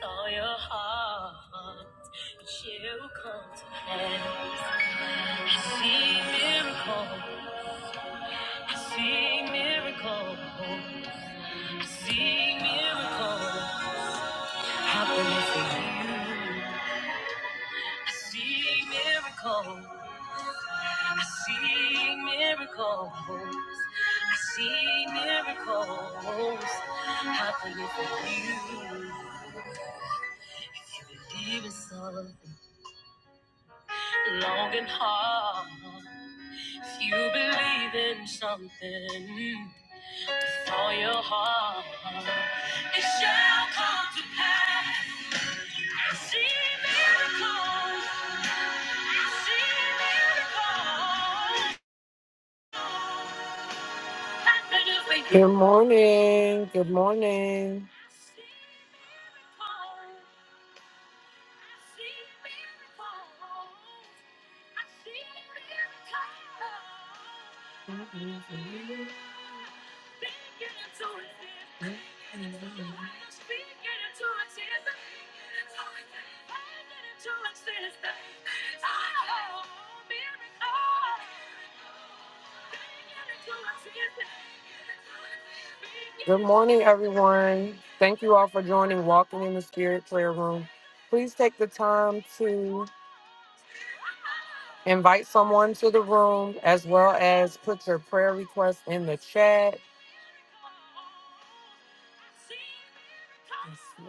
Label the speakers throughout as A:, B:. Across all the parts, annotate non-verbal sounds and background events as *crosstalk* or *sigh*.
A: Saw your heart, you come to hand. I see miracle, I see miracle, I see miracle happening for you. I see miracle, I see miracles, I see miracles happening for you. If you believe in something long and hard. If you believe in something for your heart, it shall come to pass. I see miracles. I see miracles. Good morning. Good morning. Good morning, everyone. Thank you all for joining Walking in the Spirit Prayer Room. Please take the time to invite someone to the room as well as put your prayer request in the chat. Let's see.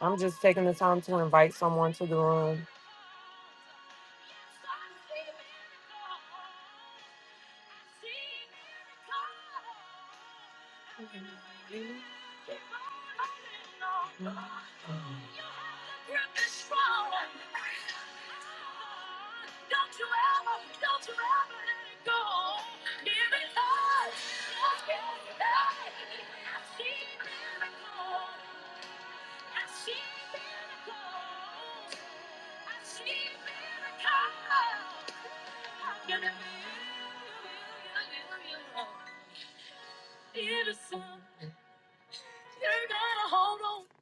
A: I'm just taking the time to invite someone to the room.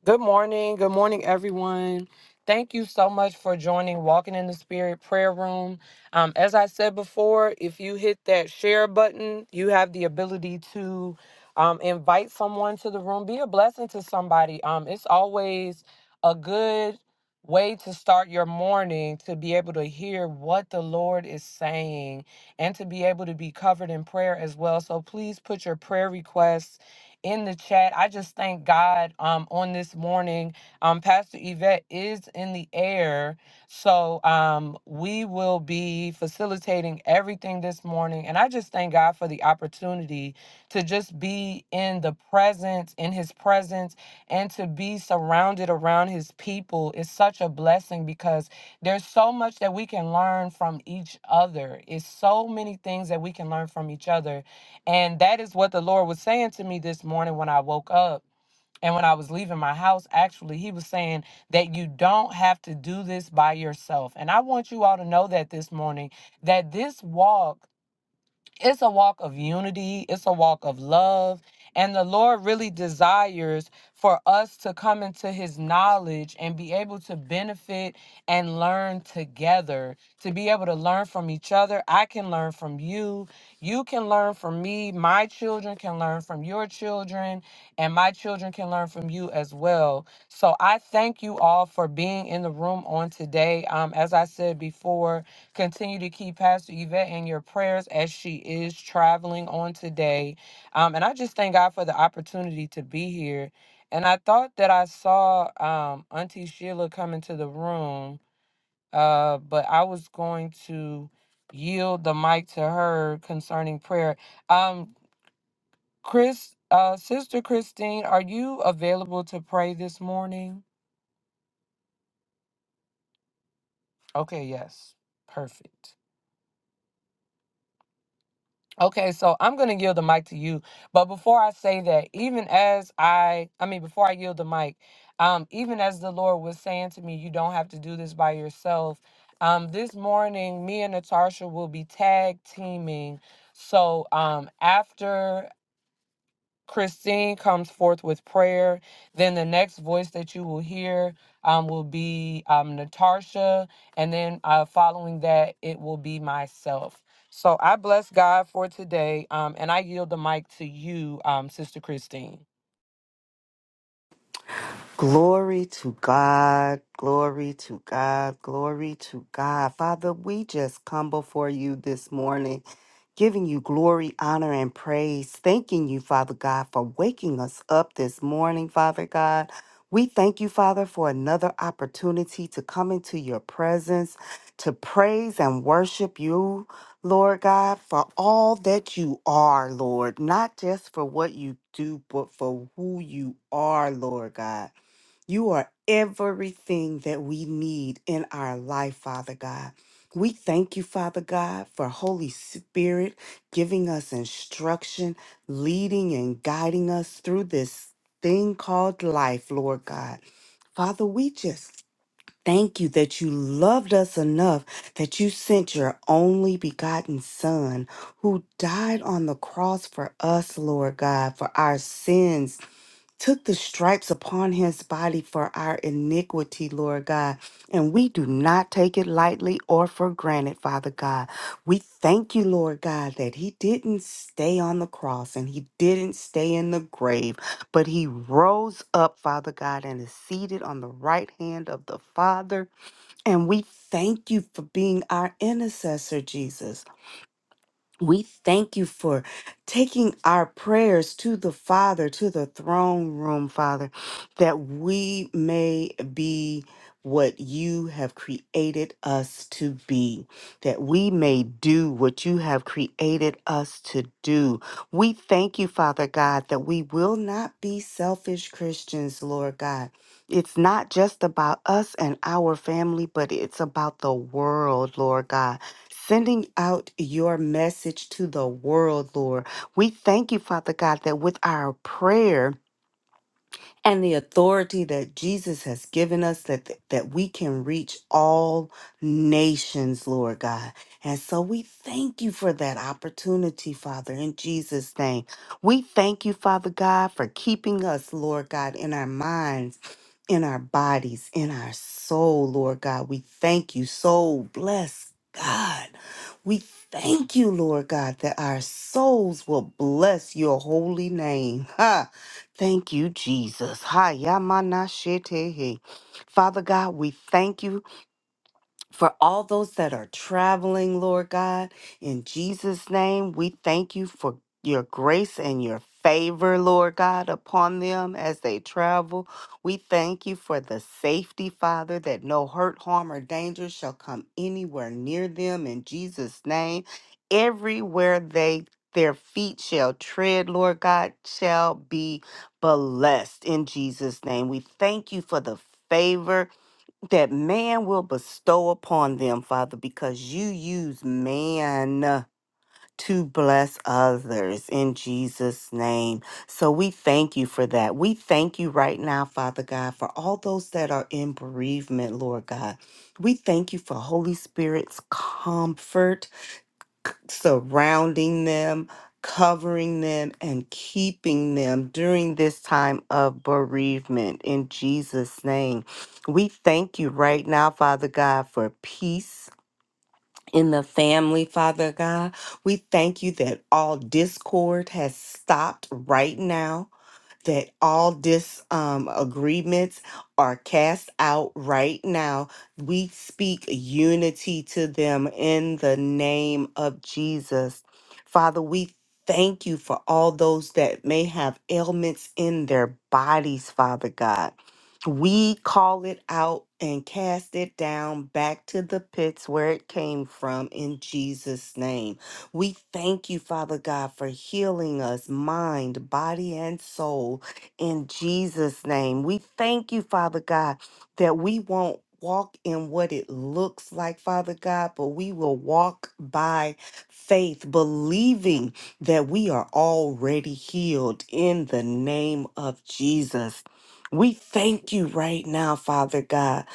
A: Good morning. Good morning, everyone. Thank you so much for joining Walking in the Spirit Prayer Room. Um, as I said before, if you hit that share button, you have the ability to um, invite someone to the room. Be a blessing to somebody. Um, it's always a good way to start your morning to be able to hear what the Lord is saying and to be able to be covered in prayer as well. So please put your prayer requests in the chat. I just thank God um, on this morning. Um, Pastor Yvette is in the air. So um, we will be facilitating everything this morning. And I just thank God for the opportunity to just be in the presence, in his presence, and to be surrounded around his people is such a blessing because there's so much that we can learn from each other. It's so many things that we can learn from each other and that is what the Lord was saying to me this morning when I woke up. And when I was leaving my house, actually, he was saying that you don't have to do this by yourself. And I want you all to know that this morning, that this walk it's a walk of unity, it's a walk of love. And the Lord really desires for us to come into his knowledge and be able to benefit and learn together, to be able to learn from each other. I can learn from you. You can learn from me. My children can learn from your children, and my children can learn from you as well. So I thank you all for being in the room on today. Um, as I said before, Continue to keep Pastor Yvette in your prayers as she is traveling on today. Um, and I just thank God for the opportunity to be here. And I thought that I saw um, Auntie Sheila come into the room, uh, but I was going to yield the mic to her concerning prayer. Um, Chris, uh, Sister Christine, are you available to pray this morning? Okay, yes. Perfect. Okay, so I'm going to yield the mic to you. But before I say that, even as I, I mean, before I yield the mic, um, even as the Lord was saying to me, you don't have to do this by yourself. Um, this morning, me and Natasha will be tag teaming. So um, after Christine comes forth with prayer. Then the next voice that you will hear um, will be um, Natasha. And then uh, following that, it will be myself. So I bless God for today. Um, and I yield the mic to you, um, Sister Christine.
B: Glory to God, glory to God, glory to God. Father, we just come before you this morning, giving you glory, honor, and praise. Thanking you, Father God, for waking us up this morning, Father God. We thank you, Father, for another opportunity to come into your presence, to praise and worship you, Lord God, for all that you are, Lord, not just for what you do, but for who you are, Lord God. You are everything that we need in our life, Father God. We thank you, Father God, for Holy Spirit giving us instruction, leading and guiding us through this thing called life, Lord God. Father, we just thank you that you loved us enough that you sent your only begotten Son who died on the cross for us, Lord God, for our sins took the stripes upon his body for our iniquity, Lord God. And we do not take it lightly or for granted, Father God. We thank you, Lord God, that he didn't stay on the cross and he didn't stay in the grave, but he rose up, Father God, and is seated on the right hand of the Father. And we thank you for being our intercessor, Jesus. We thank you for taking our prayers to the Father, to the throne room, Father, that we may be what you have created us to be, that we may do what you have created us to do. We thank you, Father God, that we will not be selfish Christians, Lord God. It's not just about us and our family, but it's about the world, Lord God sending out your message to the world, Lord. We thank you, Father God, that with our prayer, and the authority that Jesus has given us that that we can reach all nations, Lord God. And so we thank you for that opportunity, Father, in Jesus name. We thank you, Father God, for keeping us, Lord God, in our minds, in our bodies, in our soul, Lord God. We thank you. Soul bless God. We thank you, Lord God, that our souls will bless your holy name. *laughs* Ha! Thank you, Jesus. Hi, Yamana Shetehe. Father God, we thank you for all those that are traveling, Lord God. In Jesus' name, we thank you for your grace and your favor, Lord God, upon them as they travel. We thank you for the safety, Father, that no hurt, harm, or danger shall come anywhere near them. In Jesus' name, everywhere they their feet shall tread, Lord God, shall be blessed in Jesus' name. We thank you for the favor that man will bestow upon them, Father, because you use man to bless others in Jesus' name. So we thank you for that. We thank you right now, Father God, for all those that are in bereavement, Lord God. We thank you for Holy Spirit's comfort surrounding them, covering them, and keeping them during this time of bereavement. In Jesus' name, we thank you right now, Father God, for peace. In the family, Father God, we thank you that all discord has stopped right now that all dis um, agreements are cast out right now. We speak unity to them in the name of Jesus. Father, we thank you for all those that may have ailments in their bodies, Father God. We call it out and cast it down back to the pits where it came from in Jesus' name. We thank you, Father God, for healing us, mind, body, and soul in Jesus' name. We thank you, Father God, that we won't walk in what it looks like, Father God, but we will walk by faith, believing that we are already healed in the name of Jesus. We thank you right now, Father God,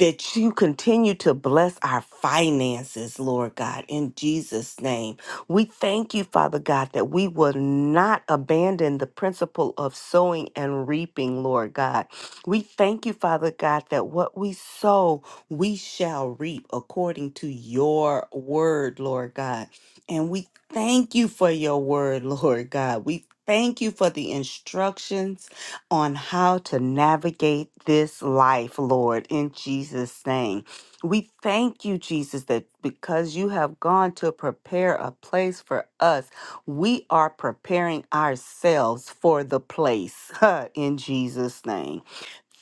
B: that you continue to bless our finances, Lord God, in Jesus' name. We thank you, Father God, that we will not abandon the principle of sowing and reaping, Lord God. We thank you, Father God, that what we sow, we shall reap according to your word, Lord God. And we thank you for your word, *laughs* Lord God. We thank you for the instructions on how to navigate this life, Lord, in Jesus' name. We thank you, Jesus, that because you have gone to prepare a place for us, we are preparing ourselves for the place *laughs* in Jesus' name.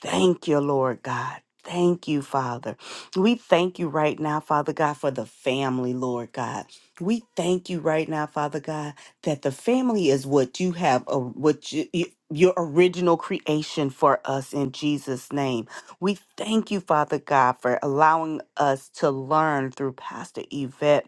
B: Thank you, Lord God. Thank you, Father. We thank you right now, Father God, for the family, Lord God. We thank you right now, Father God, that the family is what you have, uh, what you, you- your original creation for us in Jesus' name. We thank you, Father God, for allowing us to learn through Pastor Yvette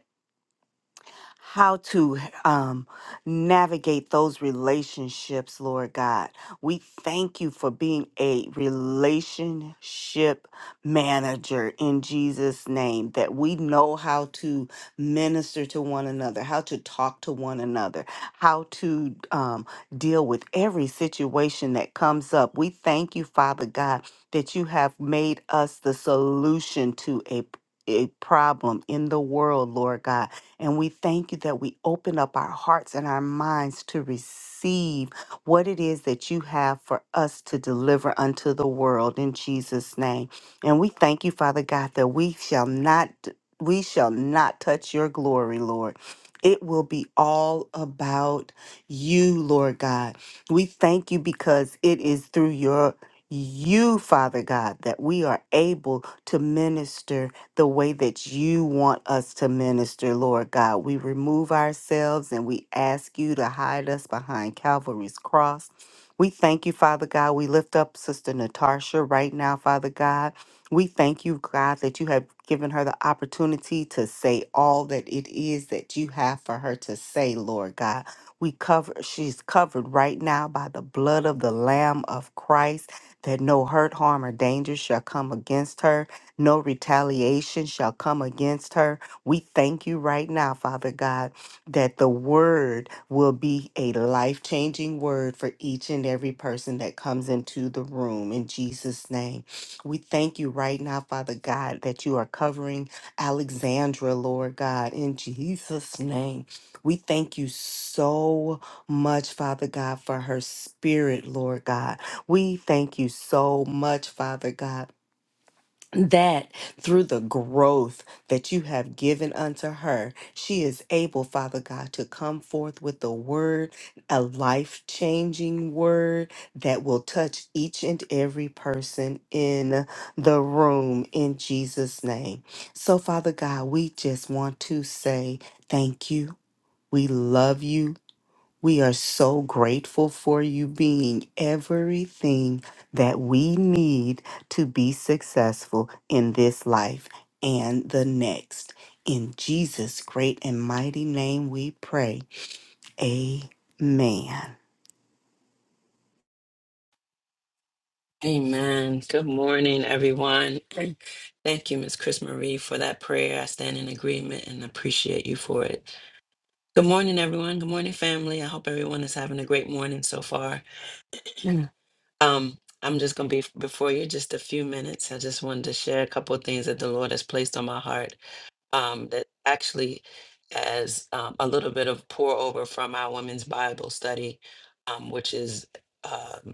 B: how to um, navigate those relationships, Lord God. We thank you for being a relationship manager in Jesus' name, that we know how to minister to one another, how to talk to one another, how to um, deal with every situation that comes up. We thank you, Father God, that you have made us the solution to a a problem in the world, Lord God and we thank you that we open up our hearts and our minds to receive what it is that you have for us to deliver unto the world in Jesus' name. And we thank you, Father God, that we shall not we shall not touch your glory, Lord. It will be all about you, Lord God. We thank you because it is through your you, Father God, that we are able to minister the way that you want us to minister, Lord God. We remove ourselves and we ask you to hide us behind Calvary's cross. We thank you, Father God. We lift up Sister Natasha right now, Father God. We thank you, God, that you have given her the opportunity to say all that it is that you have for her to say, Lord God. We cover she's covered right now by the blood of the Lamb of Christ, that no hurt, harm, or danger shall come against her. No retaliation shall come against her. We thank you right now, Father God, that the word will be a life changing word for each and every person that comes into the room in Jesus' name. We thank you right now, Father God, that you are covering Alexandra, Lord God, in Jesus' name. We thank you so much, Father God, for her spirit, Lord God. We thank you so much, Father God that through the growth that you have given unto her, she is able, Father God, to come forth with a word, a life changing word that will touch each and every person in the room in Jesus' name. So, Father God, we just want to say thank you. We love you. We are so grateful for you being everything that we need to be successful in this life and the next. In Jesus' great and mighty name we pray. Amen.
C: Amen. Good morning, everyone. *clears throat* Thank you, Miss Chris Marie, for that prayer. I stand in agreement and appreciate you for it. Good morning, everyone. Good morning, family. I hope everyone is having a great morning so far. Mm. Um, I'm just going to be f- before you just a few minutes. I just wanted to share a couple of things that the Lord has placed on my heart um, that actually as um, a little bit of pour over from our women's Bible study, um, which is. um,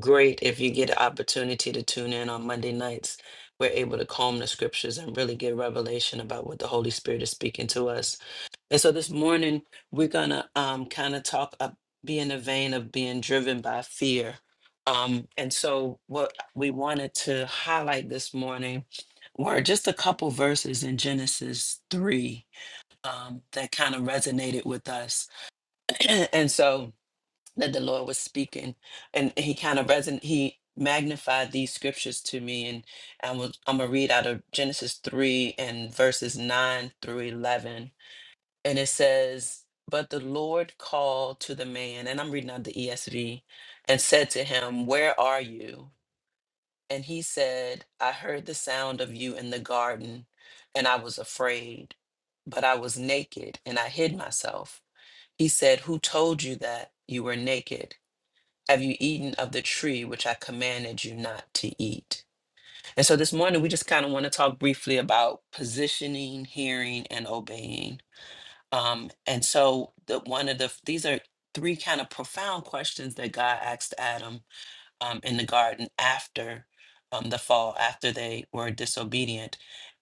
C: great if you get an opportunity to tune in on Monday nights. We're able to comb the scriptures and really get revelation about what the Holy Spirit is speaking to us. And so this morning, we're going to um, kind of talk, up, be in the vein of being driven by fear. Um, and so, what we wanted to highlight this morning were just a couple verses in Genesis 3 um, that kind of resonated with us. *clears throat* and so, that the Lord was speaking, and he kind of reson he magnified these scriptures to me, and I'm gonna, I'm gonna read out of Genesis three and verses nine through eleven, and it says, "But the Lord called to the man," and I'm reading out the ESV, and said to him, 'Where are you?" And he said, 'I heard the sound of you in the garden, and I was afraid, but I was naked, and I hid myself." He said, 'Who told you that you were naked?" have you eaten of the tree which I commanded you not to eat? And so this morning, we just kind of want to talk briefly about positioning, hearing, and obeying. Um, and so the, one of the, these are three kind of profound questions that God asked Adam um, in the garden after um, the fall, after they were disobedient.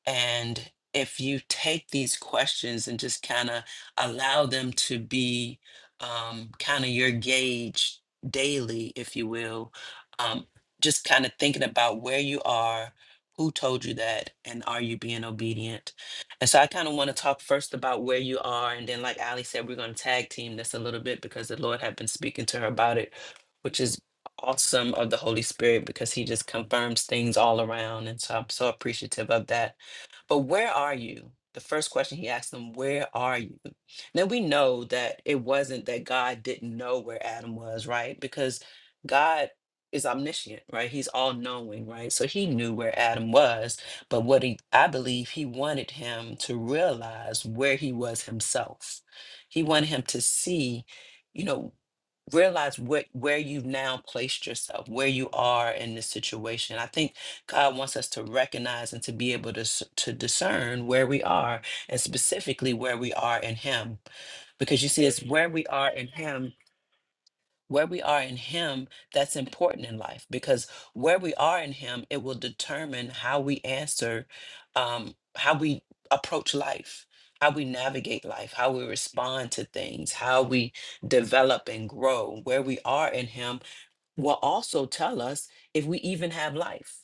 C: And if you take these questions and just kind of allow them to be um, kind of your gauge daily, if you will, um, just kind of thinking about where you are, who told you that, and are you being obedient? And so I kind of want to talk first about where you are. And then, like Ali said, we're going to tag team this a little bit because the Lord had been speaking to her about it, which is awesome of the Holy Spirit because he just confirms things all around. And so I'm so appreciative of that. But where are you? The first question he asked them, Where are you? Now we know that it wasn't that God didn't know where Adam was, right? Because God is omniscient, right? He's all knowing, right? So he knew where Adam was. But what he, I believe he wanted him to realize where he was himself. He wanted him to see, you know realize what where you've now placed yourself where you are in this situation i think god wants us to recognize and to be able to s- to discern where we are and specifically where we are in him because you see it's where we are in him where we are in Him, that's important in life because where we are in Him, it will determine how we answer, um, how we approach life, how we navigate life, how we respond to things, how we develop and grow. Where we are in Him will also tell us if we even have life.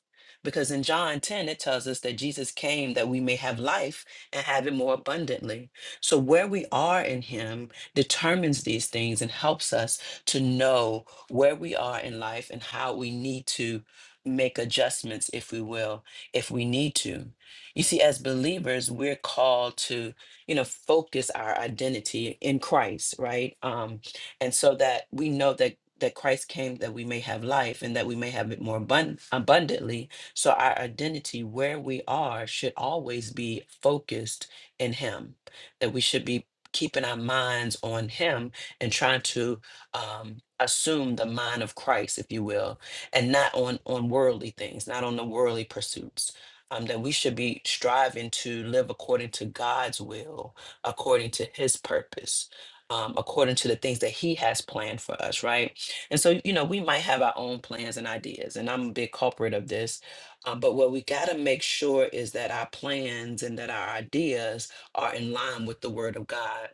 C: Because in John 10, it tells us that Jesus came that we may have life and have it more abundantly. So, where we are in Him determines these things and helps us to know where we are in life and how we need to make adjustments, if we will, if we need to. You see, as believers, we're called to, you know, focus our identity in Christ, right? Um, and so that we know that that Christ came that we may have life and that we may have it more abund- abundantly. So our identity where we are should always be focused in him. That we should be keeping our minds on him and trying to um assume the mind of Christ if you will and not on on worldly things, not on the worldly pursuits. Um, that we should be striving to live according to God's will, according to his purpose, um, according to the things that he has planned for us, right? And so, you know, we might have our own plans and ideas, and I'm a big culprit of this. Um, but what we got to make sure is that our plans and that our ideas are in line with the Word of God,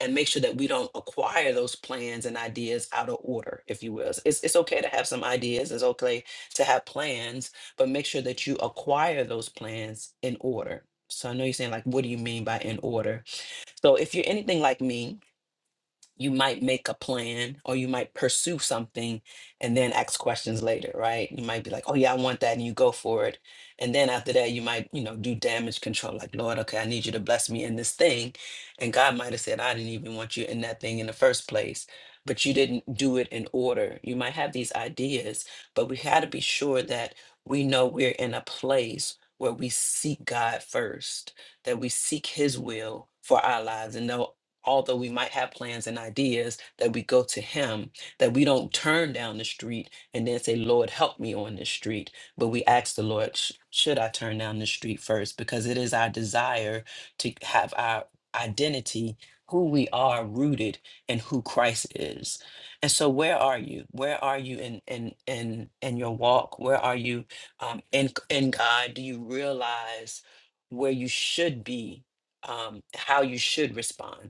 C: and make sure that we don't acquire those plans and ideas out of order, if you will. It's, it's okay to have some ideas, it's okay to have plans, but make sure that you acquire those plans in order. So I know you're saying, like, what do you mean by in order? So if you're anything like me, you might make a plan or you might pursue something and then ask questions later, right? You might be like, oh, yeah, I want that. And you go for it. And then after that, you might, you know, do damage control like, Lord, okay, I need you to bless me in this thing. And God might have said, I didn't even want you in that thing in the first place, but you didn't do it in order. You might have these ideas, but we had to be sure that we know we're in a place where we seek God first, that we seek His will for our lives and no although we might have plans and ideas, that we go to Him, that we don't turn down the street and then say, Lord, help me on this street. But we ask the Lord, "Sh- should I turn down the street first?" Because it is our desire to have our identity, who we are rooted in who Christ is. And so where are you? Where are you in in in in your walk? Where are you um in in God? Do you realize where you should be um, how you should respond.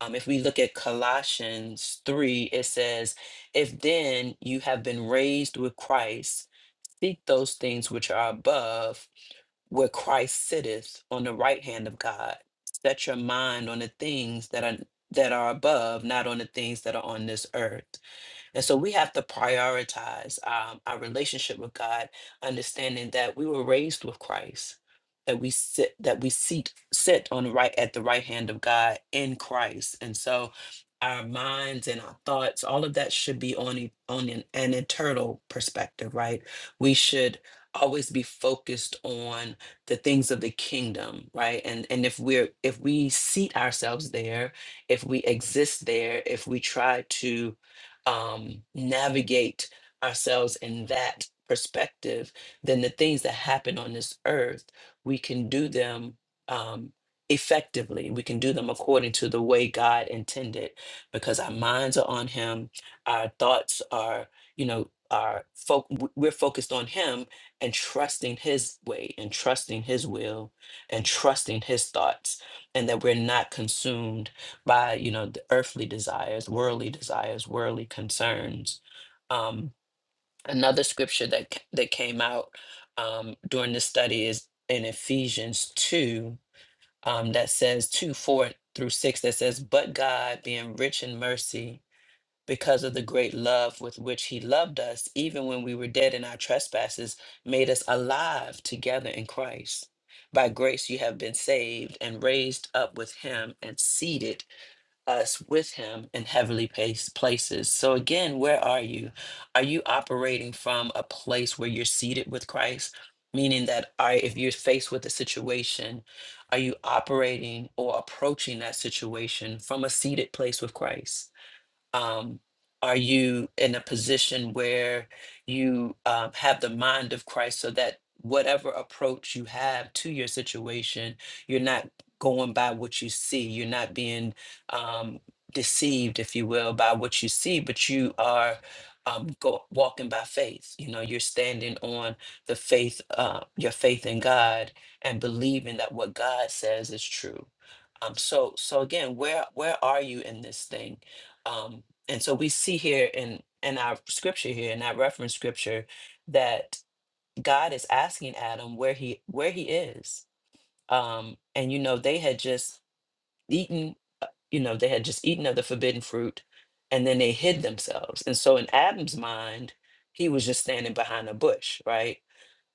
C: Um, if we look at Colossians 3, it says, If then you have been raised with Christ, seek those things which are above, where Christ sitteth on the right hand of God. Set your mind on the things that are that are above, not on the things that are on this earth. And so we have to prioritize um, our relationship with God, understanding that we were raised with Christ, that we sit that we seat sit on the right at the right hand of God in Christ. And so our minds and our thoughts, all of that should be on e- on an, an eternal perspective, right? We should always be focused on the things of the kingdom, right? And and if we're if we seat ourselves there, if we exist there, if we try to um, navigate ourselves in that perspective, then the things that happen on this earth, we can do them um, effectively. We can do them according to the way God intended because our minds are on Him, our thoughts are, you know, our fo- w- we're focused on Him and trusting His way and trusting His will and trusting His thoughts, and that we're not consumed by you know the earthly desires worldly desires worldly concerns um another scripture that c- that came out um during this study is in ephesians 2 um that says 2 4 through 6 that says but god being rich in mercy because of the great love with which he loved us even when we were dead in our trespasses made us alive together in christ by grace you have been saved and raised up with him and seated us with him in heavenly place, places. So again, where are you? Are you operating from a place where you're seated with Christ? Meaning that are, if you're faced with a situation, are you operating or approaching that situation from a seated place with Christ? um, are you in a position where you um, have the mind of Christ so that whatever approach you have to your situation, you're not going by what you see, you're not being um, deceived, if you will, by what you see, but you are. Um, go, walking by faith you know you're standing on the faith uh, your faith in god and believing that what god says is true um, so so again where where are you in this thing Um, and so we see here in in our scripture here, in our reference scripture, that God is asking Adam where he where he is. Um, and you know, they had just eaten, uh, you know, they had just eaten of the forbidden fruit, and then they hid themselves. And so in Adam's mind, he was just standing behind a bush, right?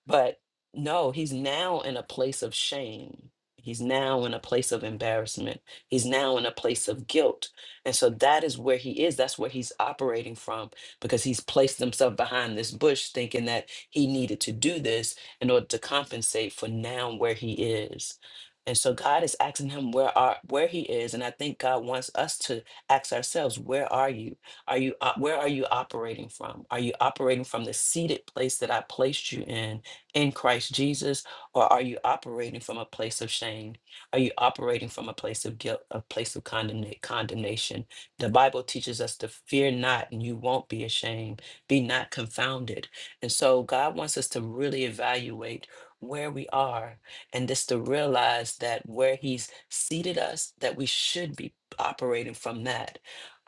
C: But no, he's now in a place of shame. He's now in a place of embarrassment. He's now in a place of guilt. And so that is where he is. That's where he's operating from because he's placed himself behind this bush thinking that he needed to do this in order to compensate for now where he is. And so God is asking him where are where he is and I think God wants us to ask ourselves where are you? Are you op- where are you operating from? Are you operating from the seated place that I placed you in? in Christ Jesus, or are you operating from a place of shame? Are you operating from a place of guilt, a place of condemna- condemnation? The Bible teaches us to fear not, and you won't be ashamed. Be not confounded. And so, God wants us to really evaluate where we are and just to realize that where He's seated us, that we should be operating from that.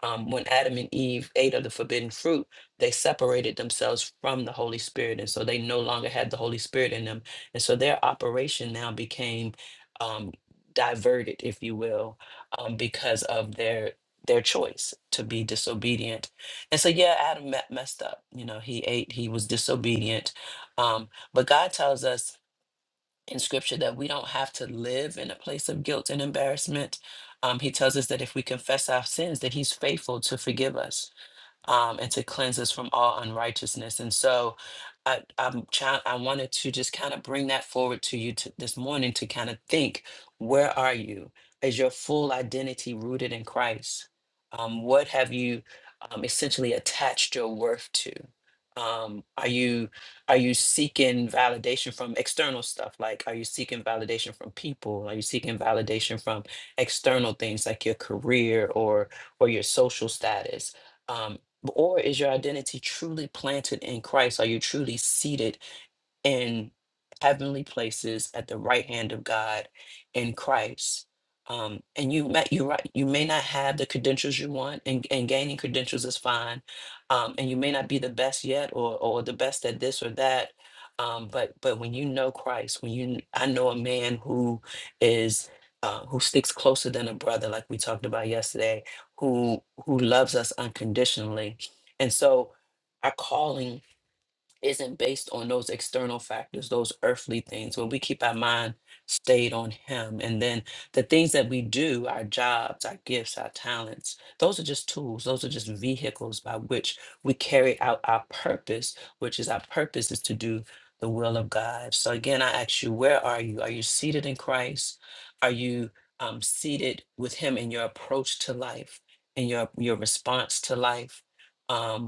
C: Um, when Adam and Eve ate of the forbidden fruit, they separated themselves from the Holy Spirit. And so they no longer had the Holy Spirit in them. And so their operation now became um, diverted, if you will, um, because of their their choice to be disobedient. And so yeah, Adam me- messed up. You know, he ate, he was disobedient. Um, but God tells us in scripture that we don't have to live in a place of guilt and embarrassment. Um, he tells us that if we confess our sins, that he's faithful to forgive us um, and to cleanse us from all unrighteousness. And so I, I'm trying, I wanted to just kind of bring that forward to you to, this morning to kind of think where are you? Is your full identity rooted in Christ? Um, what have you um, essentially attached your worth to? Um, are you are you seeking validation from external stuff? Like, are you seeking validation from people? Are you seeking validation from external things like your career or or your social status? Um, or is your identity truly planted in Christ? Are you truly seated in heavenly places at the right hand of God in Christ. Um, and you may, you right, you may not have the credentials you want, and, and gaining credentials is fine. Um, and you may not be the best yet, or or the best at this or that. Um, but but when you know Christ, when you I know a man who is uh, who sticks closer than a brother, like we talked about yesterday, who who loves us unconditionally, and so our calling isn't based on those external factors, those earthly things. When we keep our mind stayed on Him, and then the things that we do, our jobs, our gifts, our talents, those are just tools, those are just vehicles by which we carry out our purpose, which is our purpose is to do the will of God. So, again, I ask you, where are you? Are you seated in Christ? Are you um, seated with Him in your approach to life, in your, your response to life? Um,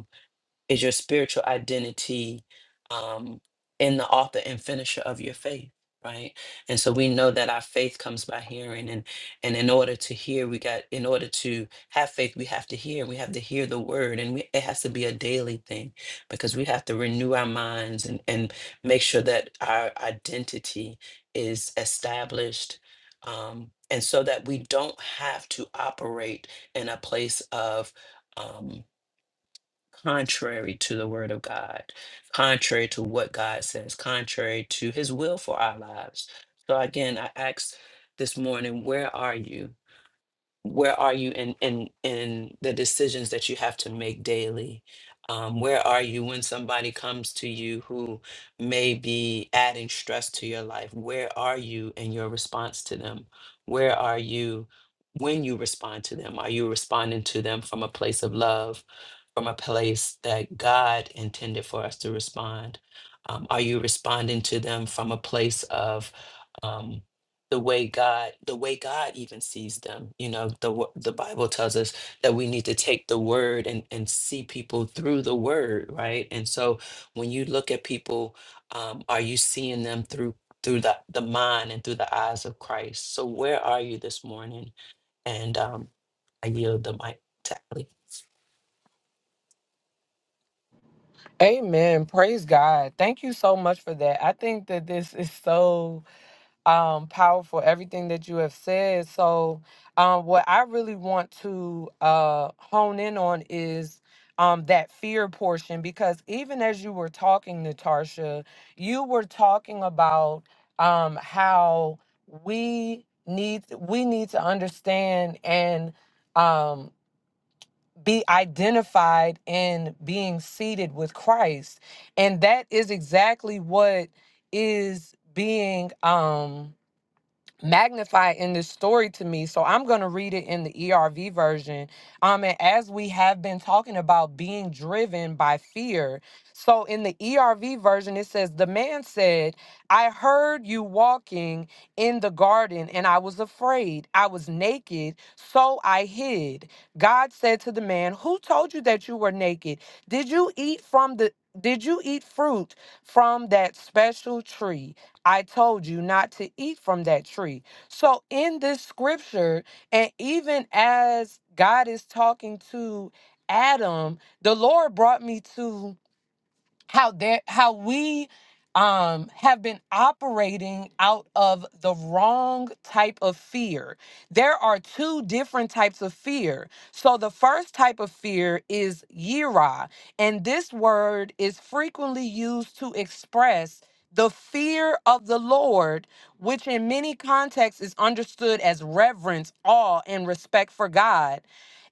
C: is your spiritual identity um, in the author and finisher of your faith right and so we know that our faith comes by hearing and and in order to hear we got in order to have faith we have to hear we have to hear the word and we, it has to be a daily thing because we have to renew our minds and and make sure that our identity is established um and so that we don't have to operate in a place of um, contrary to the word of God, contrary to what God says, contrary to his will for our lives. So again, I ask this morning, where are you? where are you in in in the decisions that you have to make daily um, where are you when somebody comes to you who may be adding stress to your life where are you in your response to them where are you when you respond to them are you responding to them from a place of love from a place that god intended for us to respond um, are you responding to them from a place of um, the way God the way God even sees them. You know, the wo- the Bible tells us that we need to take the word and and see people through the word, right? And so when you look at people, um, are you seeing them through through the the mind and through the eyes of Christ? So where are you this morning? And um, I yield the mic to Ali.
A: Amen. Praise God. Thank you so much for that. I think that this is so um, powerful everything that you have said. So, um, what I really want to uh, hone in on is um, that fear portion because even as you were talking, Natasha, you were talking about um, how we need we need to understand and um, be identified in being seated with Christ, and that is exactly what is being. Um, magnify in this story to me. So I'm going to read it in the ERV version. Um, and as we have been talking about being driven by fear. So in the ERV version, it says, The man said, I heard you walking in the garden and I was afraid. I was naked, so I hid. God said to the man, Who told you that you were naked? Did you eat from the did you eat fruit from that special tree? I told you not to eat from that tree. So, in this scripture, and even as God is talking to Adam, the Lord brought me to how there how we um have been operating out of the wrong type of fear. There are two different types of fear. So the first type of fear is yira, and this word is frequently used to express the fear of the Lord, which in many contexts is understood as reverence, awe, and respect for God.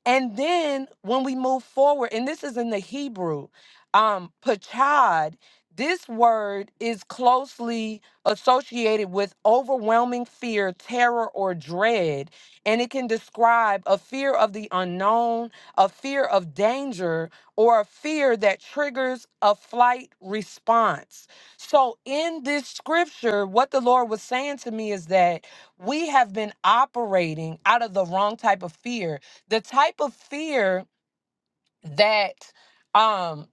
A: And then when we move forward, and this is in the Hebrew, um, pachad, this word is closely associated with overwhelming fear, terror, or dread. And it can describe a fear of the unknown, a fear of danger, or a fear that triggers a flight response. So, in this scripture, what the Lord was saying to me is that we have been operating out of the wrong type of fear the type of fear that um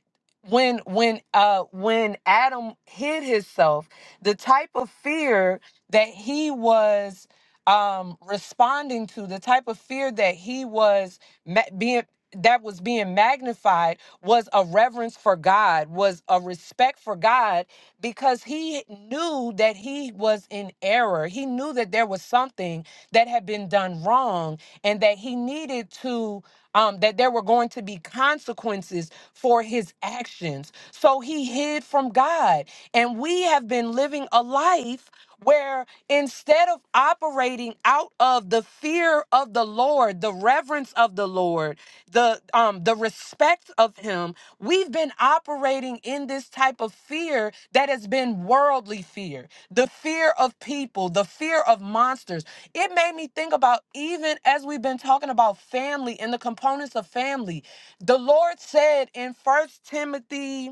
A: when when uh when Adam hid himself, the type of fear that he was um responding to, the type of fear that he was ma- being that was being magnified was a reverence for God, was a respect for God because he knew that he was in error. He knew that there was something that had been done wrong and that he needed to, um, that there were going to be consequences for his actions. So he hid from God. And we have been living a life where instead of operating out of the fear of the Lord, the reverence of the Lord, the um the respect of him, we've been operating in this type of fear that has been worldly fear, the fear of people, the fear of monsters. It made me think about even as we've been talking about family and the components of family. The Lord said in First Timothy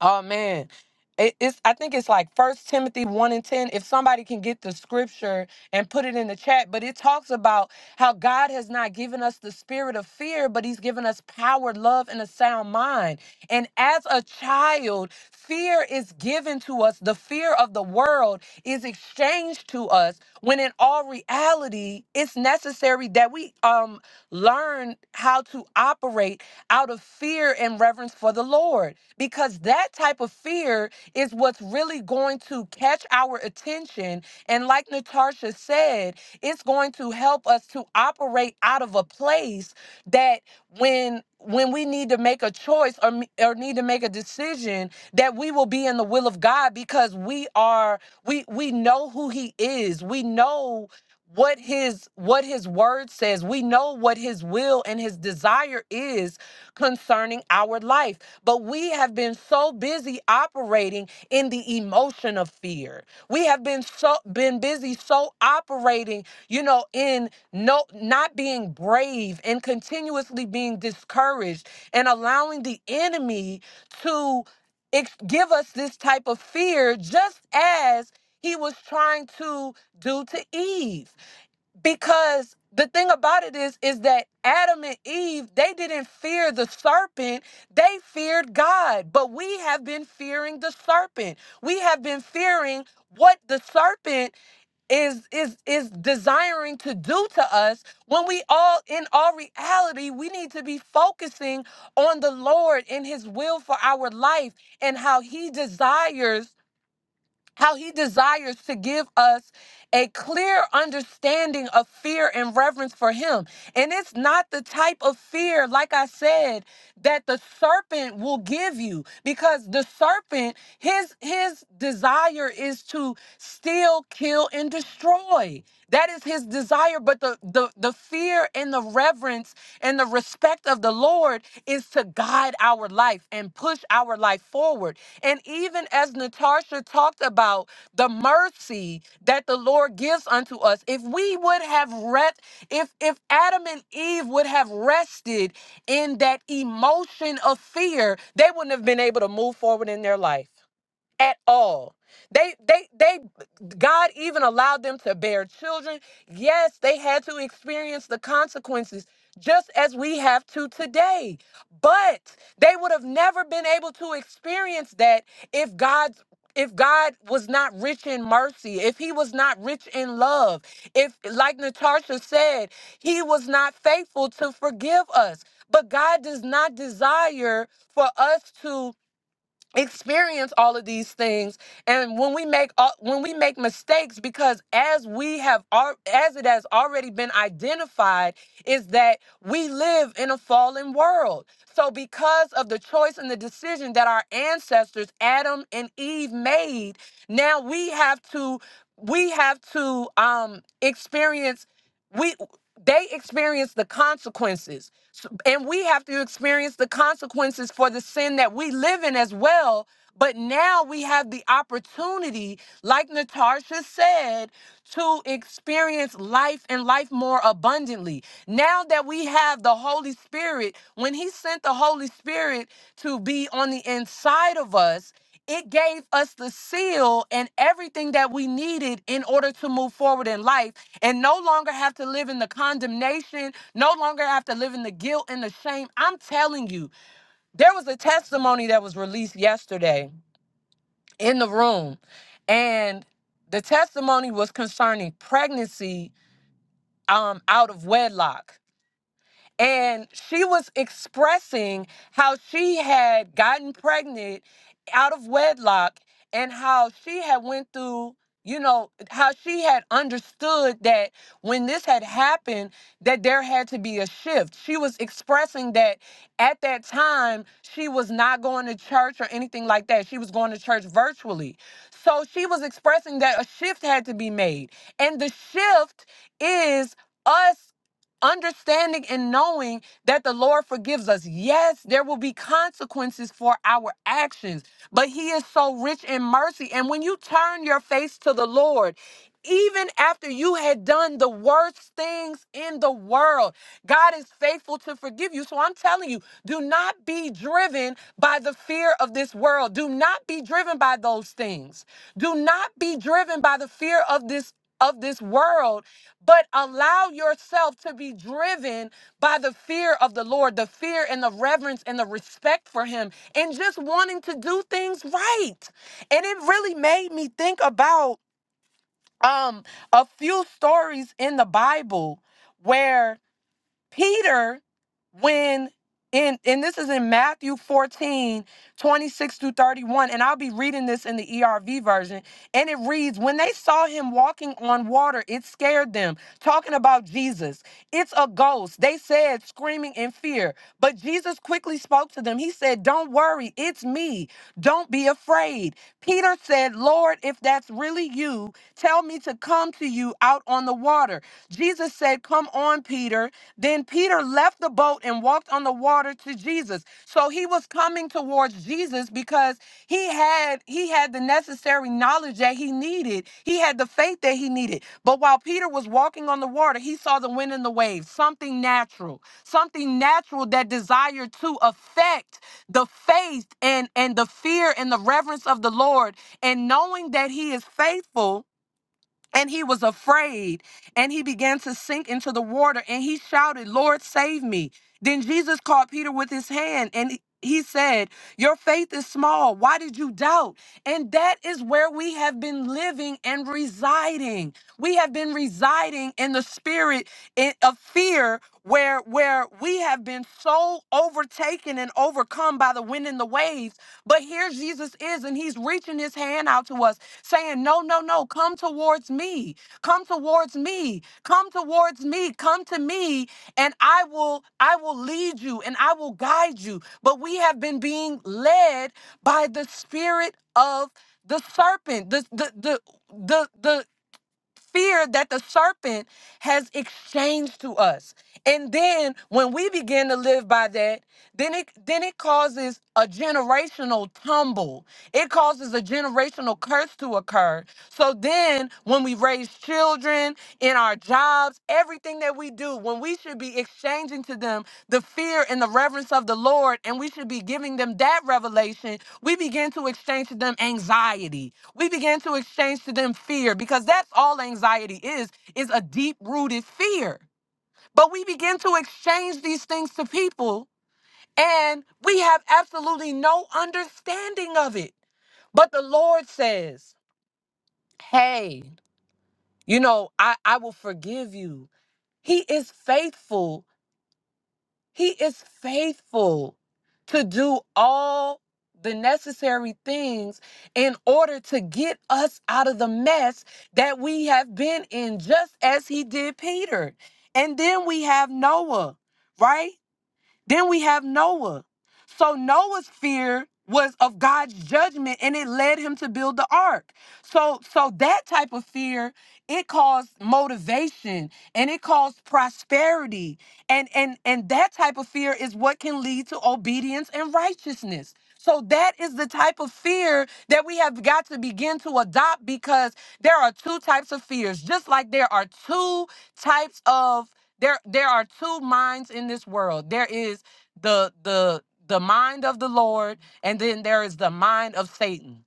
A: Oh man. It, it's I think it's like First Timothy one and ten. If somebody can get the scripture and put it in the chat, but it talks about how God has not given us the spirit of fear, but He's given us power, love, and a sound mind. And as a child, fear is given to us. The fear of the world is exchanged to us. When in all reality, it's necessary that we um learn how to operate out of fear and reverence for the Lord because that type of fear is what's really going to catch our attention. And like Natasha said, it's going to help us to operate out of a place that when when we need to make a choice or, me- or need to make a decision that we will be in the will of God because we are we we know who he is. We know what his what his word says we know what his will and his desire is concerning our life but we have been so busy operating in the emotion of fear we have been so been busy so operating you know in no not being brave and continuously being discouraged and allowing the enemy to ex- give us this type of fear just as he was trying to do to Eve because the thing about it is is that adam and eve they didn't fear the serpent they feared god but we have been fearing the serpent we have been fearing what the serpent is is is desiring to do to us when we all in all reality we need to be focusing on the lord and his will for our life and how he desires how he desires to give us a clear understanding of fear and reverence for him. And it's not the type of fear, like I said, that the serpent will give you because the serpent his his desire is to steal, kill and destroy. That is his desire, but the the the fear and the reverence and the respect of the Lord is to guide our life and push push our life forward. And even as Natasha talked about the mercy that the Lord gives unto us, if we would have rest, if if Adam and Eve would have rested in that emotion of fear, they wouldn't have been able to move forward in their life at all. They they they God even allowed them to bear children. Yes, they had to experience the consequences just as we have to today. But they would have never been able to experience that if God's if God was not rich in mercy, if he was not rich in love, if like Natasha said, he was not faithful to forgive us. But God does not desire for us to experience all of these things and when we make all, when we make mistakes because as we have al- as it has already been identified is that we live in a fallen world so because of the choice and the decision that our ancestors Adam and Eve made now we have to we have to um experience we they experience the consequences so- and we have to experience the consequences for the sin that we live in as well. But now we have the opportunity, like Natasha said, to experience life and life more abundantly. Now that we have the Holy Spirit, when He sent the Holy Spirit to be on the inside of us, it gave us the seal and everything that we needed in order to move forward in life and no longer have to live in the condemnation no longer after living the guilt and the shame. I'm telling you, there was a testimony that was released yesterday in the room, and the testimony was concerning pregnancy um, out of wedlock. And she was expressing how she had gotten pregnant out of wedlock and how she had went through you know how she had understood that when this had happened that there had to be a shift she was expressing that at that time she was not going to church or anything like that she was going to church virtually so she was expressing that a shift had to be made and the shift is us understanding and knowing that the Lord forgives us. Yes, there will be consequences for our actions, but He is so rich in mercy. And when you turn your face to the Lord, even after you had done the worst things in the world, God is faithful to forgive you. So I'm telling you, do not be driven by the fear of this world. Do not be driven by those things. Do not be driven by the fear of this of this world but allow yourself to be driven by the fear of the Lord, the fear and the reverence and the respect for Him, and just wanting to do things right. And it really made me think about um, a few stories in the Bible where. Peter, when in and this is in Matthew fourteen twenty six 26 through 31, and I'll be reading this in the ERV version. And it reads, When they saw him walking on water, it scared them. Talking about Jesus. It's a ghost. They said, screaming in fear. But Jesus quickly spoke to them. He said, Don't worry, it's me. Don't be afraid. Peter said, Lord, if that's really you, tell me to come to you out on the water. Jesus said, Come on, Peter. Then Peter left the boat and walked on the water to Jesus. So he was coming towards Jesus because he had he had the necessary knowledge that he needed. He had the faith that he needed. But while Peter was walking on the water, he saw the wind and the waves, something natural, something natural that desired to affect the faith and and the fear and the reverence of the Lord and knowing that he is faithful and he was afraid and he began to sink into the water and he shouted lord save me then jesus caught peter with his hand and he he said your faith is small why did you doubt and that is where we have been living and residing. We have been residing in the spirit i- of fear where where we have been so overtaken and overcome by the wind and the waves. But here Jesus is and he's reaching his hand out to us saying, "No, no, no, come towards me. Come towards me. Come towards me. Come to me and I will I will lead you and I will guide you." But we have been being led by the spirit of the serpent the the the the, the fear that the serpent has exchanged to us and then when we begin to live by that then it then it causes a generational tumble it causes a generational curse to occur so then when we raise children in our jobs everything that we do when we should be exchanging to them the fear and the reverence of the Lord, and we should be giving them that revelation, we begin to exchange to them anxiety. We begin to exchange to them fear because that's all anxiety is, is a deep rooted fear. But we begin to exchange these things to people and we have absolutely no understanding of it. But the Lord says, Hey, you know, I, I will forgive you. He is faithful He is faithful to do all the necessary things in order to get us out of the mess that we have been in, just as he did Peter. And then we have Noah, right? Then we have Noah. So Noah's fear was of God's judgment and it led him to build the ark. So so that type of fear, it caused motivation and it caused prosperity. And and and that type of fear is what can lead to obedience and righteousness. So that is the type of fear that we have got to begin to adopt because there are two types of fears, just like there are two types of there there are two minds in this world. There is the the the mind of the Lord and then there is the mind of Satan.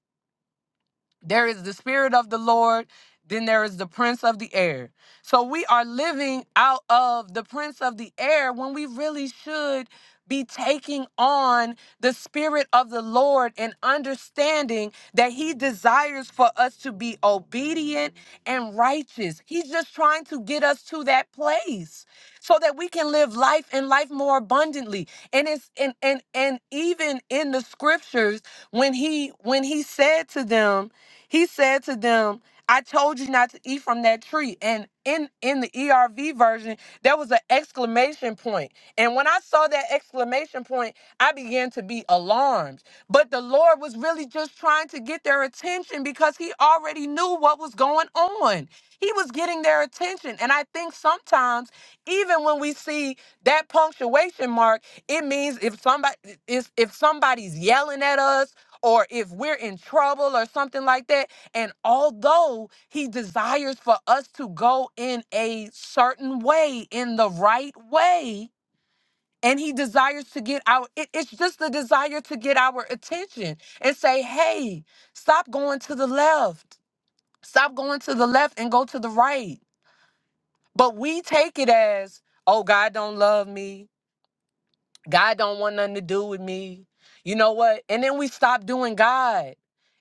A: There is the Spirit of the Lord, then there is the Prince of the Air. So we are living out of the Prince of the Air when we really should be taking on the Spirit of the Lord and understanding that He desires for us to be obedient and righteous. He's just trying to get us to that place so that we can live life and life more abundantly. And it's and and and even in the scriptures when he when he said to them he said to them, I told you not to eat from that tree. And in, in the ERV version, there was an exclamation point. And when I saw that exclamation point, I began to be alarmed. But the Lord was really just trying to get their attention because He already knew what was going on. He was getting their attention. And I think sometimes, even when we see that punctuation mark, it means if somebody if, if somebody's yelling at us or if we're in trouble or something like that. And although he desires for us to go in a certain way, in the right way, and he desires to get our, it- it's just the desire to get our attention and say, hey, stop going to the left. Stop going to the left and go to the right. But we take it as, oh, God don't love me. God don't want nothing to do with me. You know what? And then we stop doing God.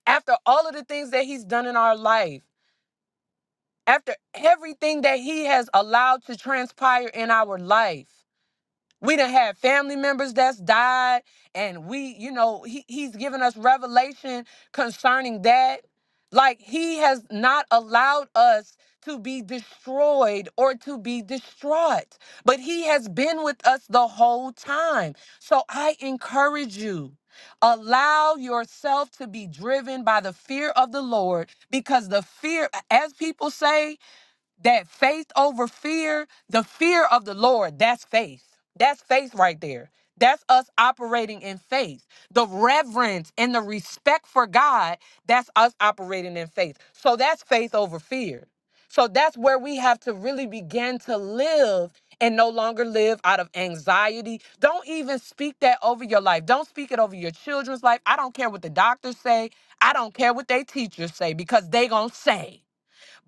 A: After all of the things that he's done in our life, after everything that he has allowed to transpire in our life. We done had family members that's died, and we, you know, he, he's given us revelation concerning that. Like he has not allowed us to be destroyed or to be distraught, but he has been with us the whole time. So I encourage you. Allow yourself to be driven by the fear of the Lord because the fear, as people say, that faith over fear, the fear of the Lord, that's faith. That's faith right there. That's us operating in faith. The reverence and the respect for God, that's us operating in faith. So that's faith over fear. So that's where we have to really begin to live and no longer live out of anxiety. Don't even speak that over your life. Don't speak it over your children's life. I don't care what the doctors say. I don't care what they teachers say because they going to say.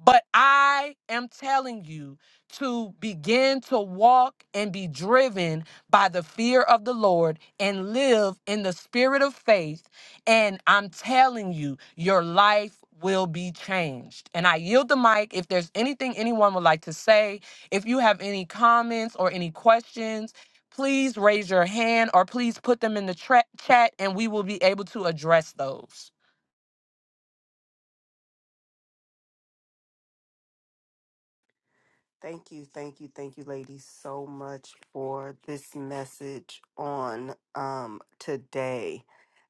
A: But I am telling you to begin to walk and be driven by the fear of the Lord and live in the spirit of faith. And I'm telling you, your life will be changed. And I yield the mic if there's anything anyone would like to say. If you have any comments or any questions, please raise your hand or please put them in the tra- chat and we will be able to address those.
B: Thank you, thank you, thank you, ladies, so much for this message on um, today.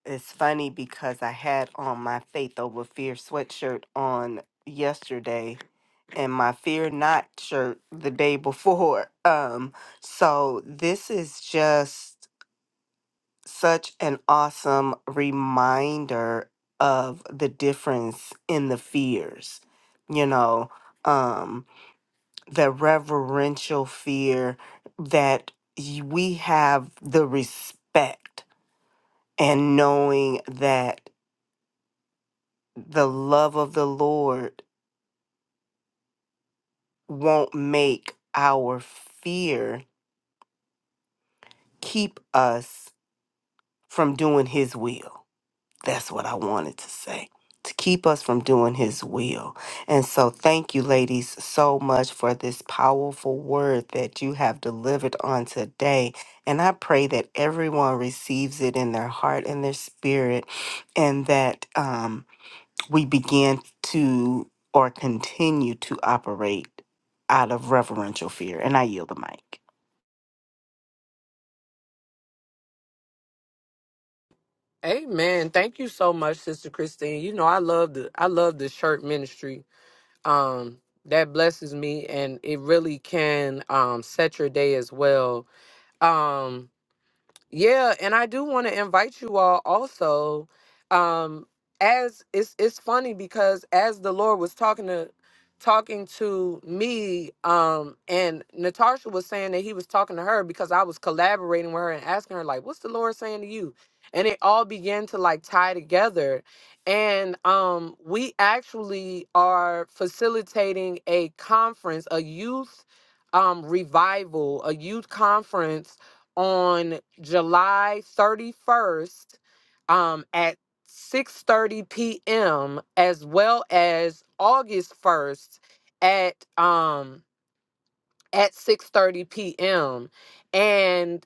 B: It's funny because I had on my Faith Over Fear sweatshirt on yesterday and my Fear Not shirt the day before. *laughs* Um, so this is just such an awesome reminder of the difference in the fears, you know, um, the reverential fear that y- we have the respect and knowing that the love of the Lord won't make our fear keep us from doing his will. That's what I wanted to say. To keep us from doing his will. And so, thank you, ladies, so much for this powerful word that you have delivered on today. And I pray that everyone receives it in their heart and their spirit, and that um, we begin to or continue to operate out of reverential fear. And I yield the mic.
A: Amen. Thank you so much, Sister Christine. You know, I love the I love the shirt ministry. Um, that blesses me and it really can um set your day as well. Um, Yeah, and I do want to invite you all also. Um, as it's it's funny because as the Lord was talking to talking to me, um, and Natasha was saying that he was talking to her because I was collaborating with her and asking her, like, what's the Lord saying to you? And it all began to like tie together. And um, we actually are facilitating a conference, a youth um revival, a youth conference on July 31st um, at 6:30 p.m. as well as August 1st at um, at 6:30 p.m. and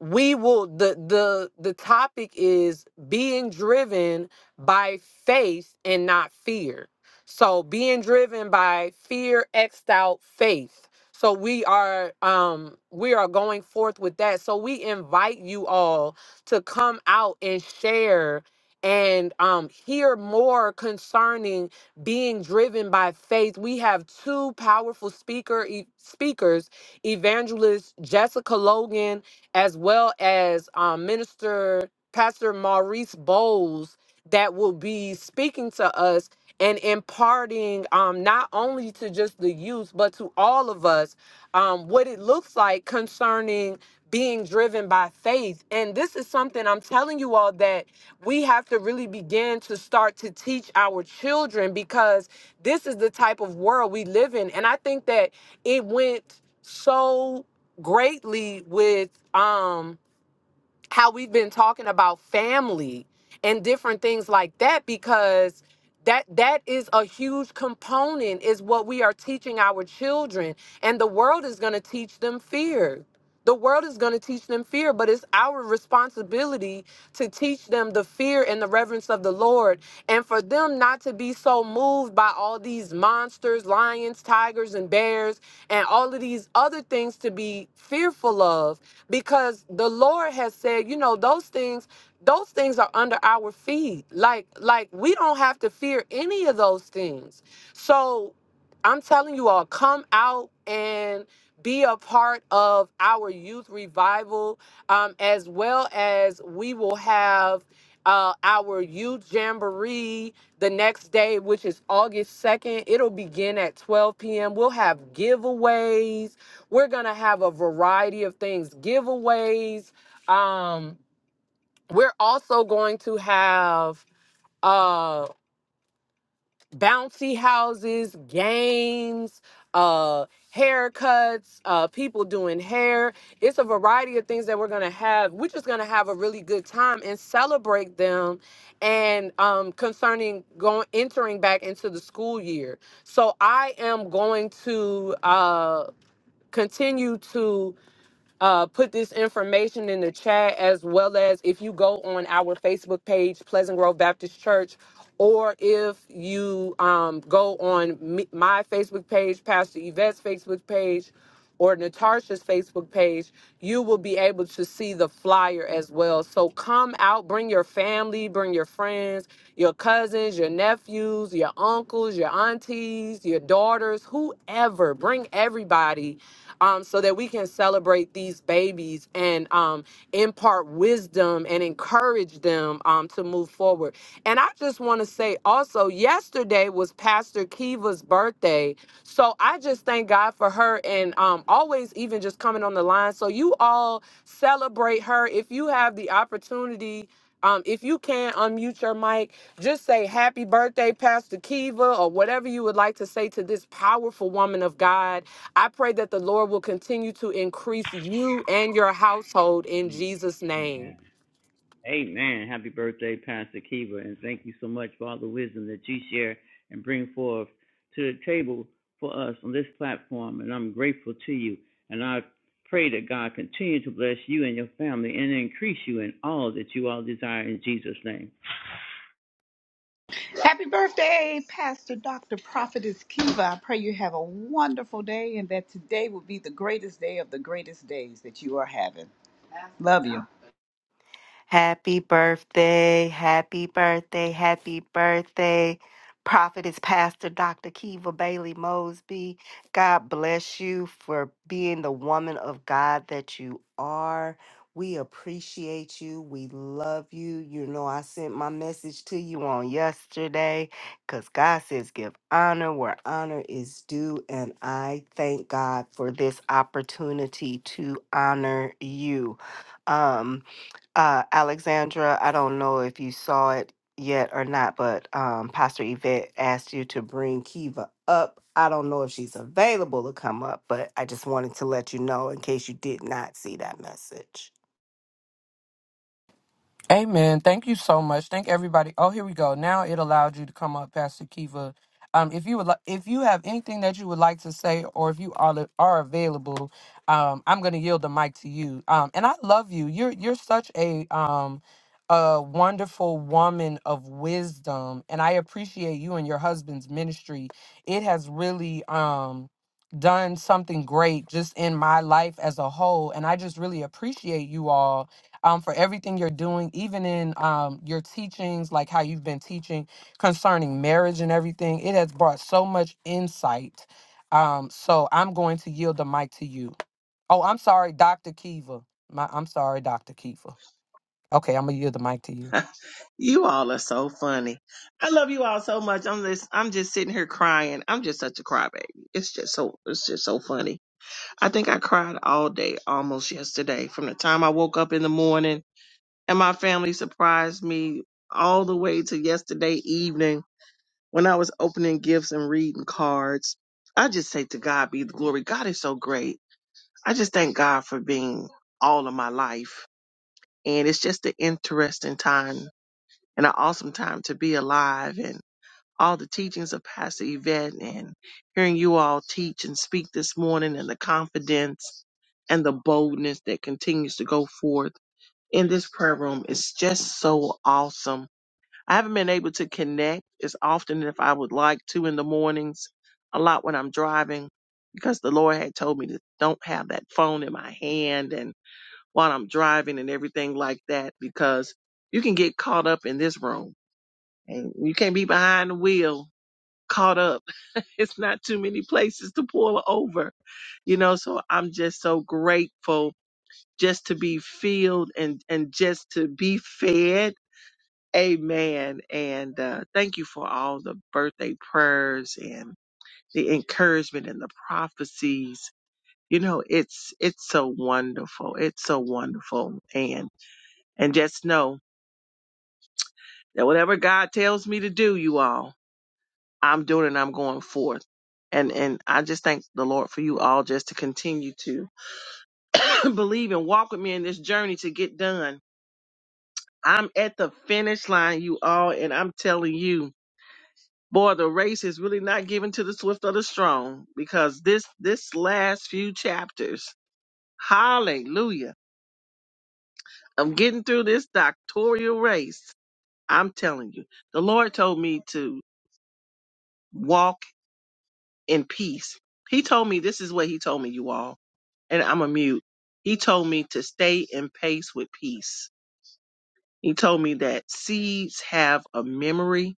A: we will the the the topic is being driven by faith and not fear so being driven by fear xed out faith so we are um we are going forth with that so we invite you all to come out and share and um hear more concerning being driven by faith we have two powerful speaker e- speakers evangelist jessica logan as well as um, Minister Pastor Maurice Bowles that will be speaking to us and imparting um, not only to just the youth but to all of us um, what it looks like concerning being driven by faith and this is something i'm telling you all that we have to really begin to start to teach our children because this is the type of world we live in and i think that it went so greatly with um how we've been talking about family and different things like that because that that is a huge component is what we are teaching our children and the world is going to teach them fear the world is going to teach them fear but it's our responsibility to teach them the fear and the reverence of the lord and for them not to be so moved by all these monsters lions tigers and bears and all of these other things to be fearful of because the Lord has said, you know, those things those things are under our feet. Like like we don't have to fear any of those things. So I'm telling you all come out and be a part of our youth revival um, as well as we will have uh, our youth jamboree the next day, which is August 2nd. It'll begin at 12 p.m. We'll have giveaways we're going to have a variety of things, giveaways. Um, we're also going to have uh, bouncy houses, games, uh, haircuts, uh, people doing hair. It's a variety of things that we're going to have. We're just going to have a really good time and celebrate them and um, concerning going entering back into the school year. So I am going to uh, continue to uh, put this information in the chat as well as if you go on our Facebook page, Pleasant Grove Baptist Church, or if you um, go on me, my Facebook page, Pastor Yvette's Facebook page, or Natasha's Facebook page, you will be able to see the flyer as well. So come out, bring your family, bring your friends, friends, your cousins, your nephews, your uncles, your aunties, your daughters, whoever. Bring everybody um, so that we can celebrate these babies and um, impart wisdom and encourage them um, to move forward. And I just want to say also, yesterday was Pastor Kiva's birthday. So I just thank God for her and um, always even just coming on the line. So you all celebrate her if you have the opportunity um, if you can unmute your mic, just say happy birthday, Pastor Kiva, or whatever you would like to say to this powerful woman of God. I pray that the Lord will continue to increase you and your household in
D: Mm.
A: Jesus' name.
D: Amen. Happy birthday, Pastor Kiva, and thank you so much for all the wisdom that you share and bring forth to the table for us on this platform. And I'm grateful to you. And I pray that God continue to bless you and your family and increase you in all that you all desire in Jesus' name.
E: Happy birthday, Pastor Dr. Prophetess Kiva. I pray you have a wonderful day and that today will be the greatest day of the greatest days that you are having. Love you.
B: Happy birthday, happy birthday, happy birthday. Prophet is Pastor Dr. Kiva Bailey Mosby. God bless you for being the woman of God that you are. We appreciate you. We love you. You know, I sent my message to you on yesterday because God says, give honor where honor is due. And I thank God for this opportunity to honor you. Um, uh, Alexandra, I don't know if you saw it yet or not, but um, Pastor Yvette asked you to bring Kiva up. I don't know if she's available to come up, but I just wanted to let you know in case you did not see that message.
A: Amen. Thank you so much. Thank everybody. Oh, here we go. Now it allowed you to come up, Pastor Kiva. Um, if you would, li- if you have anything that you would like to say, or if you are are available, um, I'm going to yield the mic to you. Um, and I love you. You're you're such a um, a wonderful woman of wisdom, and I appreciate you and your husband's ministry. It has really um done something great just in my life as a whole, and I just really appreciate you all um, for everything you're doing, even in um, your teachings, like how you've been teaching concerning marriage and everything. It has brought so much insight. Um, so I'm going to yield the mic to you. Oh, I'm sorry, Dr. Kiva. My, I'm sorry, Dr. Kiva. Okay, I'm gonna yield the mic to you.
F: You all are so funny. I love you all so much. I'm just I'm just sitting here crying. I'm just such a crybaby. It's just so it's just so funny. I think I cried all day almost yesterday from the time I woke up in the morning and my family surprised me all the way to yesterday evening when I was opening gifts and reading cards. I just say to God be the glory. God is so great. I just thank God for being all of my life. And it's just an interesting time and an awesome time to be alive and all the teachings of Pastor Yvette and hearing you all teach and speak this morning and the confidence and the boldness that continues to go forth in this prayer room is just so awesome. I haven't been able to connect as often as I would like to in the mornings, a lot when I'm driving, because the Lord had told me to don't have that phone in my hand and while I'm driving and everything like that, because you can get caught up in this room and you can't be behind the wheel caught up. *laughs* It's not too many places to pull over, you know. So I'm just so grateful just to be filled and and just to be fed. Amen. And uh, thank you for all the birthday prayers and the encouragement and the prophecies. You know, it's it's so wonderful. It's so wonderful. And and just know that whatever God tells me to do, you all. I'm doing and I'm going forth. And and I just thank the Lord for you all just to continue to *clears throat* believe and walk with me in this journey to get done. I'm at the finish line, you all, and I'm telling you, boy, the race is really not given to the swift or the strong because this this last few chapters, hallelujah, I'm getting through this doctoral race. I'm telling you, the Lord told me to walk in peace. He told me this is what he told me, you all, and I'm a mute. He told me to stay in pace with peace. He told me that seeds have a memory,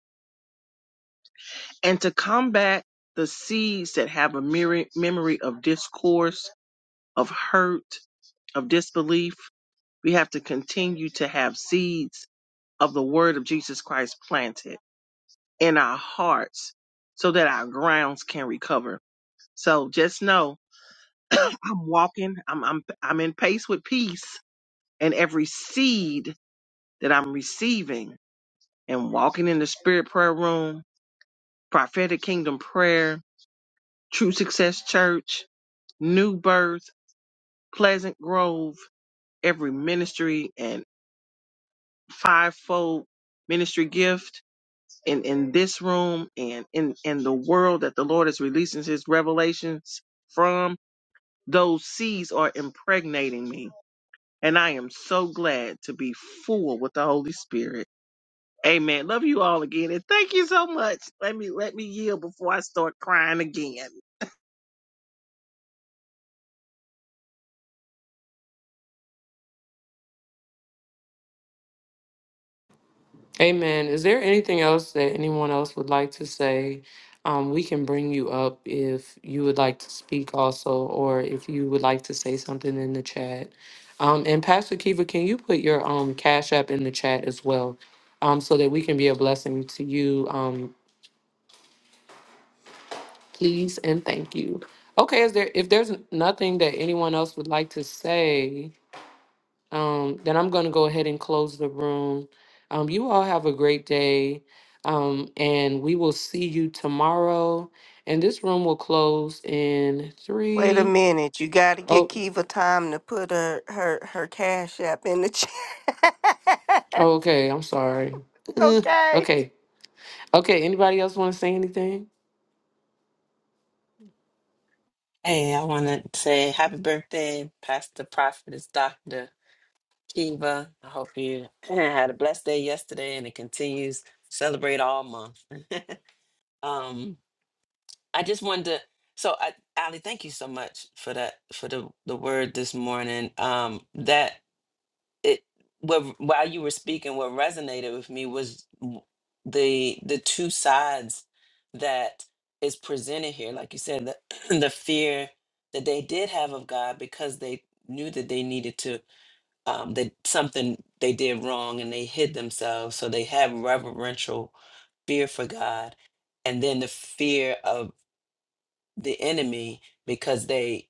F: and to combat the seeds that have a mere- memory of discourse, of hurt, of disbelief, we have to continue to have seeds of the word of Jesus Christ planted in our hearts so that our grounds can recover. So just know I'm walking, I'm I'm I'm in pace with peace and every seed that I'm receiving and walking in the spirit prayer room, prophetic kingdom prayer, true success church, new birth, pleasant grove, every ministry and fivefold ministry gift in, in this room and in, in the world that the Lord is releasing his revelations from, those seeds are impregnating me And I am so glad to be full with the Holy Spirit. Amen. Love you all again. And thank you so much. Let me let me yield before I start crying again.
A: Amen. Is there anything else that anyone else would like to say? Um, we can bring you up if you would like to speak also, or if you would like to say something in the chat. Um, and Pastor Kiva, can you put your um, Cash App in the chat as well um, so that we can be a blessing to you? Um, please and thank you. Okay, is there if there's nothing that anyone else would like to say, Um, then I'm going to go ahead and close the room. Um, you all have a great day. Um, and we will see you tomorrow. And this room will close in
B: Wait a
A: three.
B: minute, you got to get
A: Oh,
B: Kiva time to put her her her cash app in the chat.
A: oh okay. I'm sorry.
B: *laughs*
A: Uh,
B: okay.
A: okay. Okay. Anybody else want to say anything?
C: Hey, I want to say happy birthday, Pastor Prophetess Doctor. Kiva, I hope you *clears throat* had a blessed day yesterday and it continues. Celebrate all month. Um, I just wanted to so I Ali, thank you so much for that for the the word this morning. Um that it what while you were speaking, what resonated with me was w- the the two sides that is presented here. Like you said, the *clears throat* the fear that they did have of God because they knew that they needed to um, that something they did wrong and they hid themselves. So they have reverential fear for God, and then the fear of the enemy because they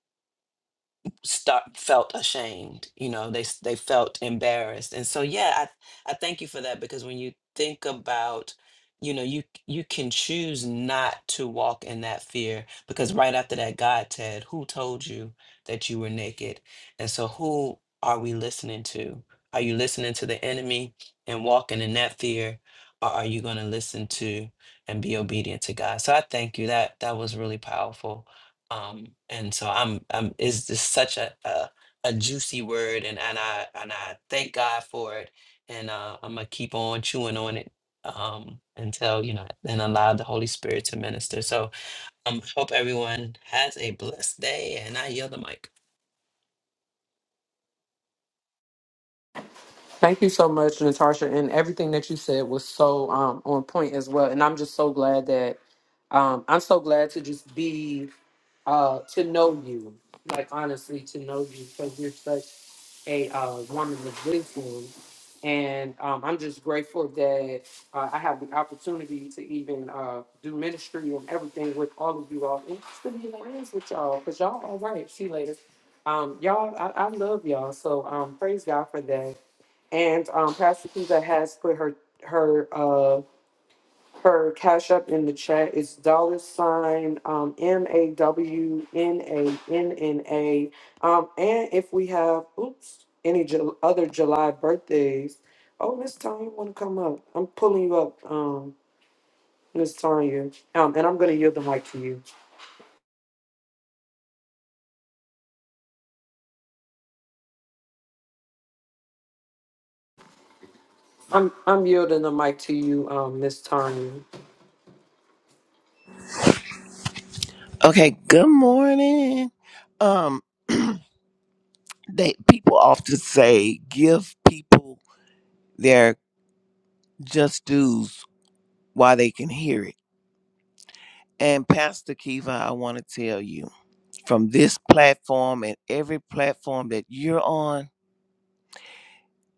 C: start felt ashamed you know they s- they felt embarrassed and so yeah i i thank you for that because when you think about you know you you can choose not to walk in that fear because right after that god said who told you that you were naked and so who are we listening to are you listening to the enemy and walking in that fear or are you going to listen to and be obedient to god so i thank you that that was really powerful um and so i'm i'm is this such a, a a juicy word and and i and i thank god for it and uh i'm gonna keep on chewing on it um until you know and allow the holy spirit to minister so um hope everyone has a blessed day and i yield the mic
A: Thank you so much, Natasha, and everything that you said was so um, on point as well. And I'm just so glad that um, I'm so glad to just be uh, to know you, like honestly, to know you because you're such a uh, woman of wisdom, and um, I'm just grateful that uh, I have the opportunity to even uh, do ministry and everything with all of you all, and just to be in the hands with y'all because y'all all right. See you later, um, y'all. I, I love y'all, so um, praise God for that. And um, Pastor Kiza has put her her uh, her cash up in the chat. It's dollar sign um, M A W N A N N A. Um, and if we have oops any Ju- other July birthdays, oh Miss Tanya, want to come up? I'm pulling you up, um, Miss Tanya. Um, and I'm going to yield the mic to you. I'm I'm yielding the mic to you, um, Miss Tanya.
G: Okay, good morning. Um *clears throat* they people often say give people their just dues while they can hear it. And Pastor Kiva, I want to tell you from this platform and every platform that you're on,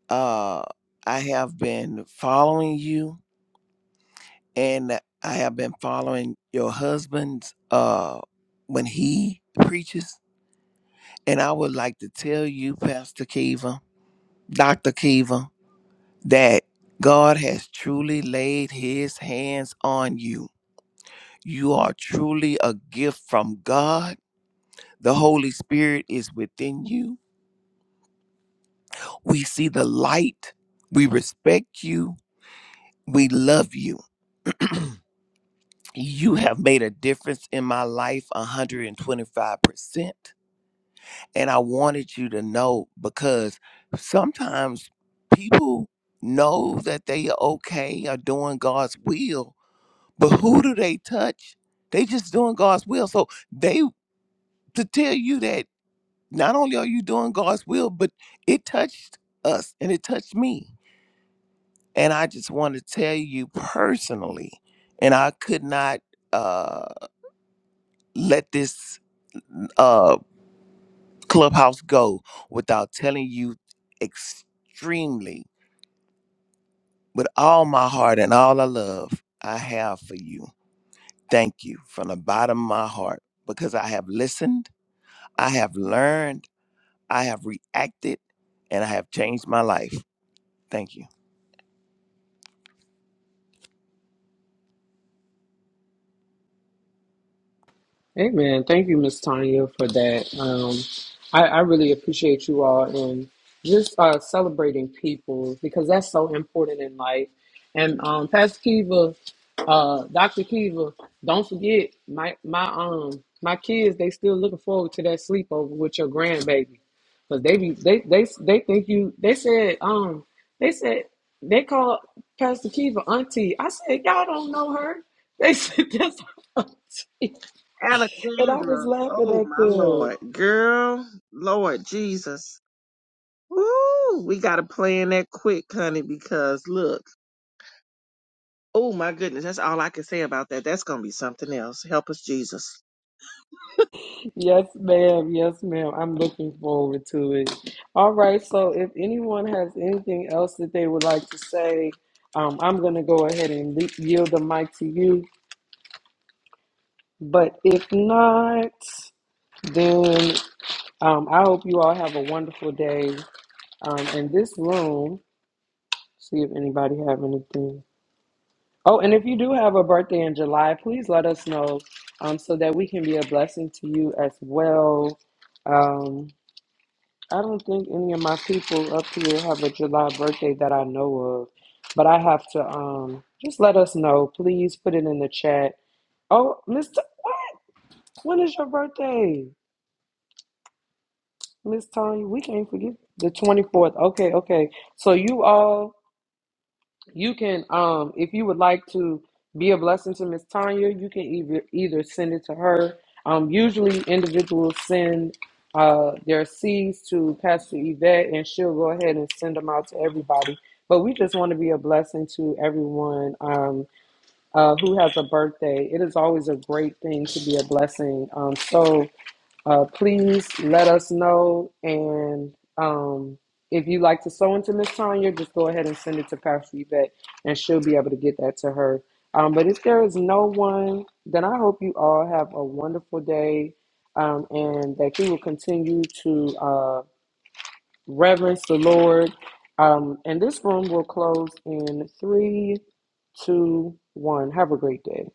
G: uh I have been following you and I have been following your husband's uh when he preaches and I would like to tell you Pastor Kiva, Dr. Kiva that God has truly laid his hands on you. You are truly a gift from God. The Holy Spirit is within you. We see the light. We respect you. We love you. You have made a difference in my life 125%. And I wanted you to know because sometimes people know that they are okay or doing God's will, But who do they touch? They just doing God's will. So they to tell you that not only are you doing God's will, but it touched us and it touched me. And I just want to tell you personally, and I could not uh, let this uh, clubhouse go without telling you extremely, with all my heart and all I love I have for you. Thank you from the bottom of my heart because I have listened, I have learned I have reacted and I have changed my life. Thank you.
A: Amen. Thank you, Miss Tanya, for that. Um, I, I really appreciate you all and just uh, celebrating people because that's so important in life. And um, Pastor Kiva, uh, Doctor Kiva, don't forget my my um my kids. They still looking forward to that sleepover with your grandbaby because they be they they they think you. They said um they said they called Pastor Kiva auntie. I said y'all don't know her. *laughs* They said that's her auntie. And I was
F: Alexandra.
A: laughing
F: Oh
A: at
F: my
A: them.
F: Lord. Girl, Lord Jesus. Woo! We gotta play in that quick, honey, because look, oh my goodness, that's all I can say about that. That's gonna be something else. Help us, Jesus.
A: Yes, ma'am. Yes, ma'am. I'm looking forward to it. All right. So, if anyone has anything else that they would like to say, um, I'm going to go ahead and le- yield the mic to you. But if not, then um, I hope you all have a wonderful day. Um, in this room, see if anybody have anything. Oh, and if you do have a birthday in July, please let us know um, so that we can be a blessing to you as well. Um, I don't think any of my people up here have a July birthday that I know of, but I have to um, just let us know. Please put it in the chat. Oh, Miss, T- what? When is your birthday, Miss Tony? We can't forget the 24th. Okay, okay. So you all. You can, um, if you would like to be a blessing to Miss Tanya, you can either either send it to her. Um, usually, individuals send uh, their seeds to Pastor Yvette, and she'll go ahead and send them out to everybody. But we just want to be a blessing to everyone um, uh, who has a birthday. It is always a great thing to be a blessing. Um, so uh, please let us know. And um, if you'd like to sew into Miss Tanya, just go ahead and send it to Pastor Yvette, and she'll be able to get that to her. Um, but if there is no one, then I hope you all have a wonderful day um, and that you will continue to uh, reverence the Lord. Um, and this room will close in three, two, one. Have a great day.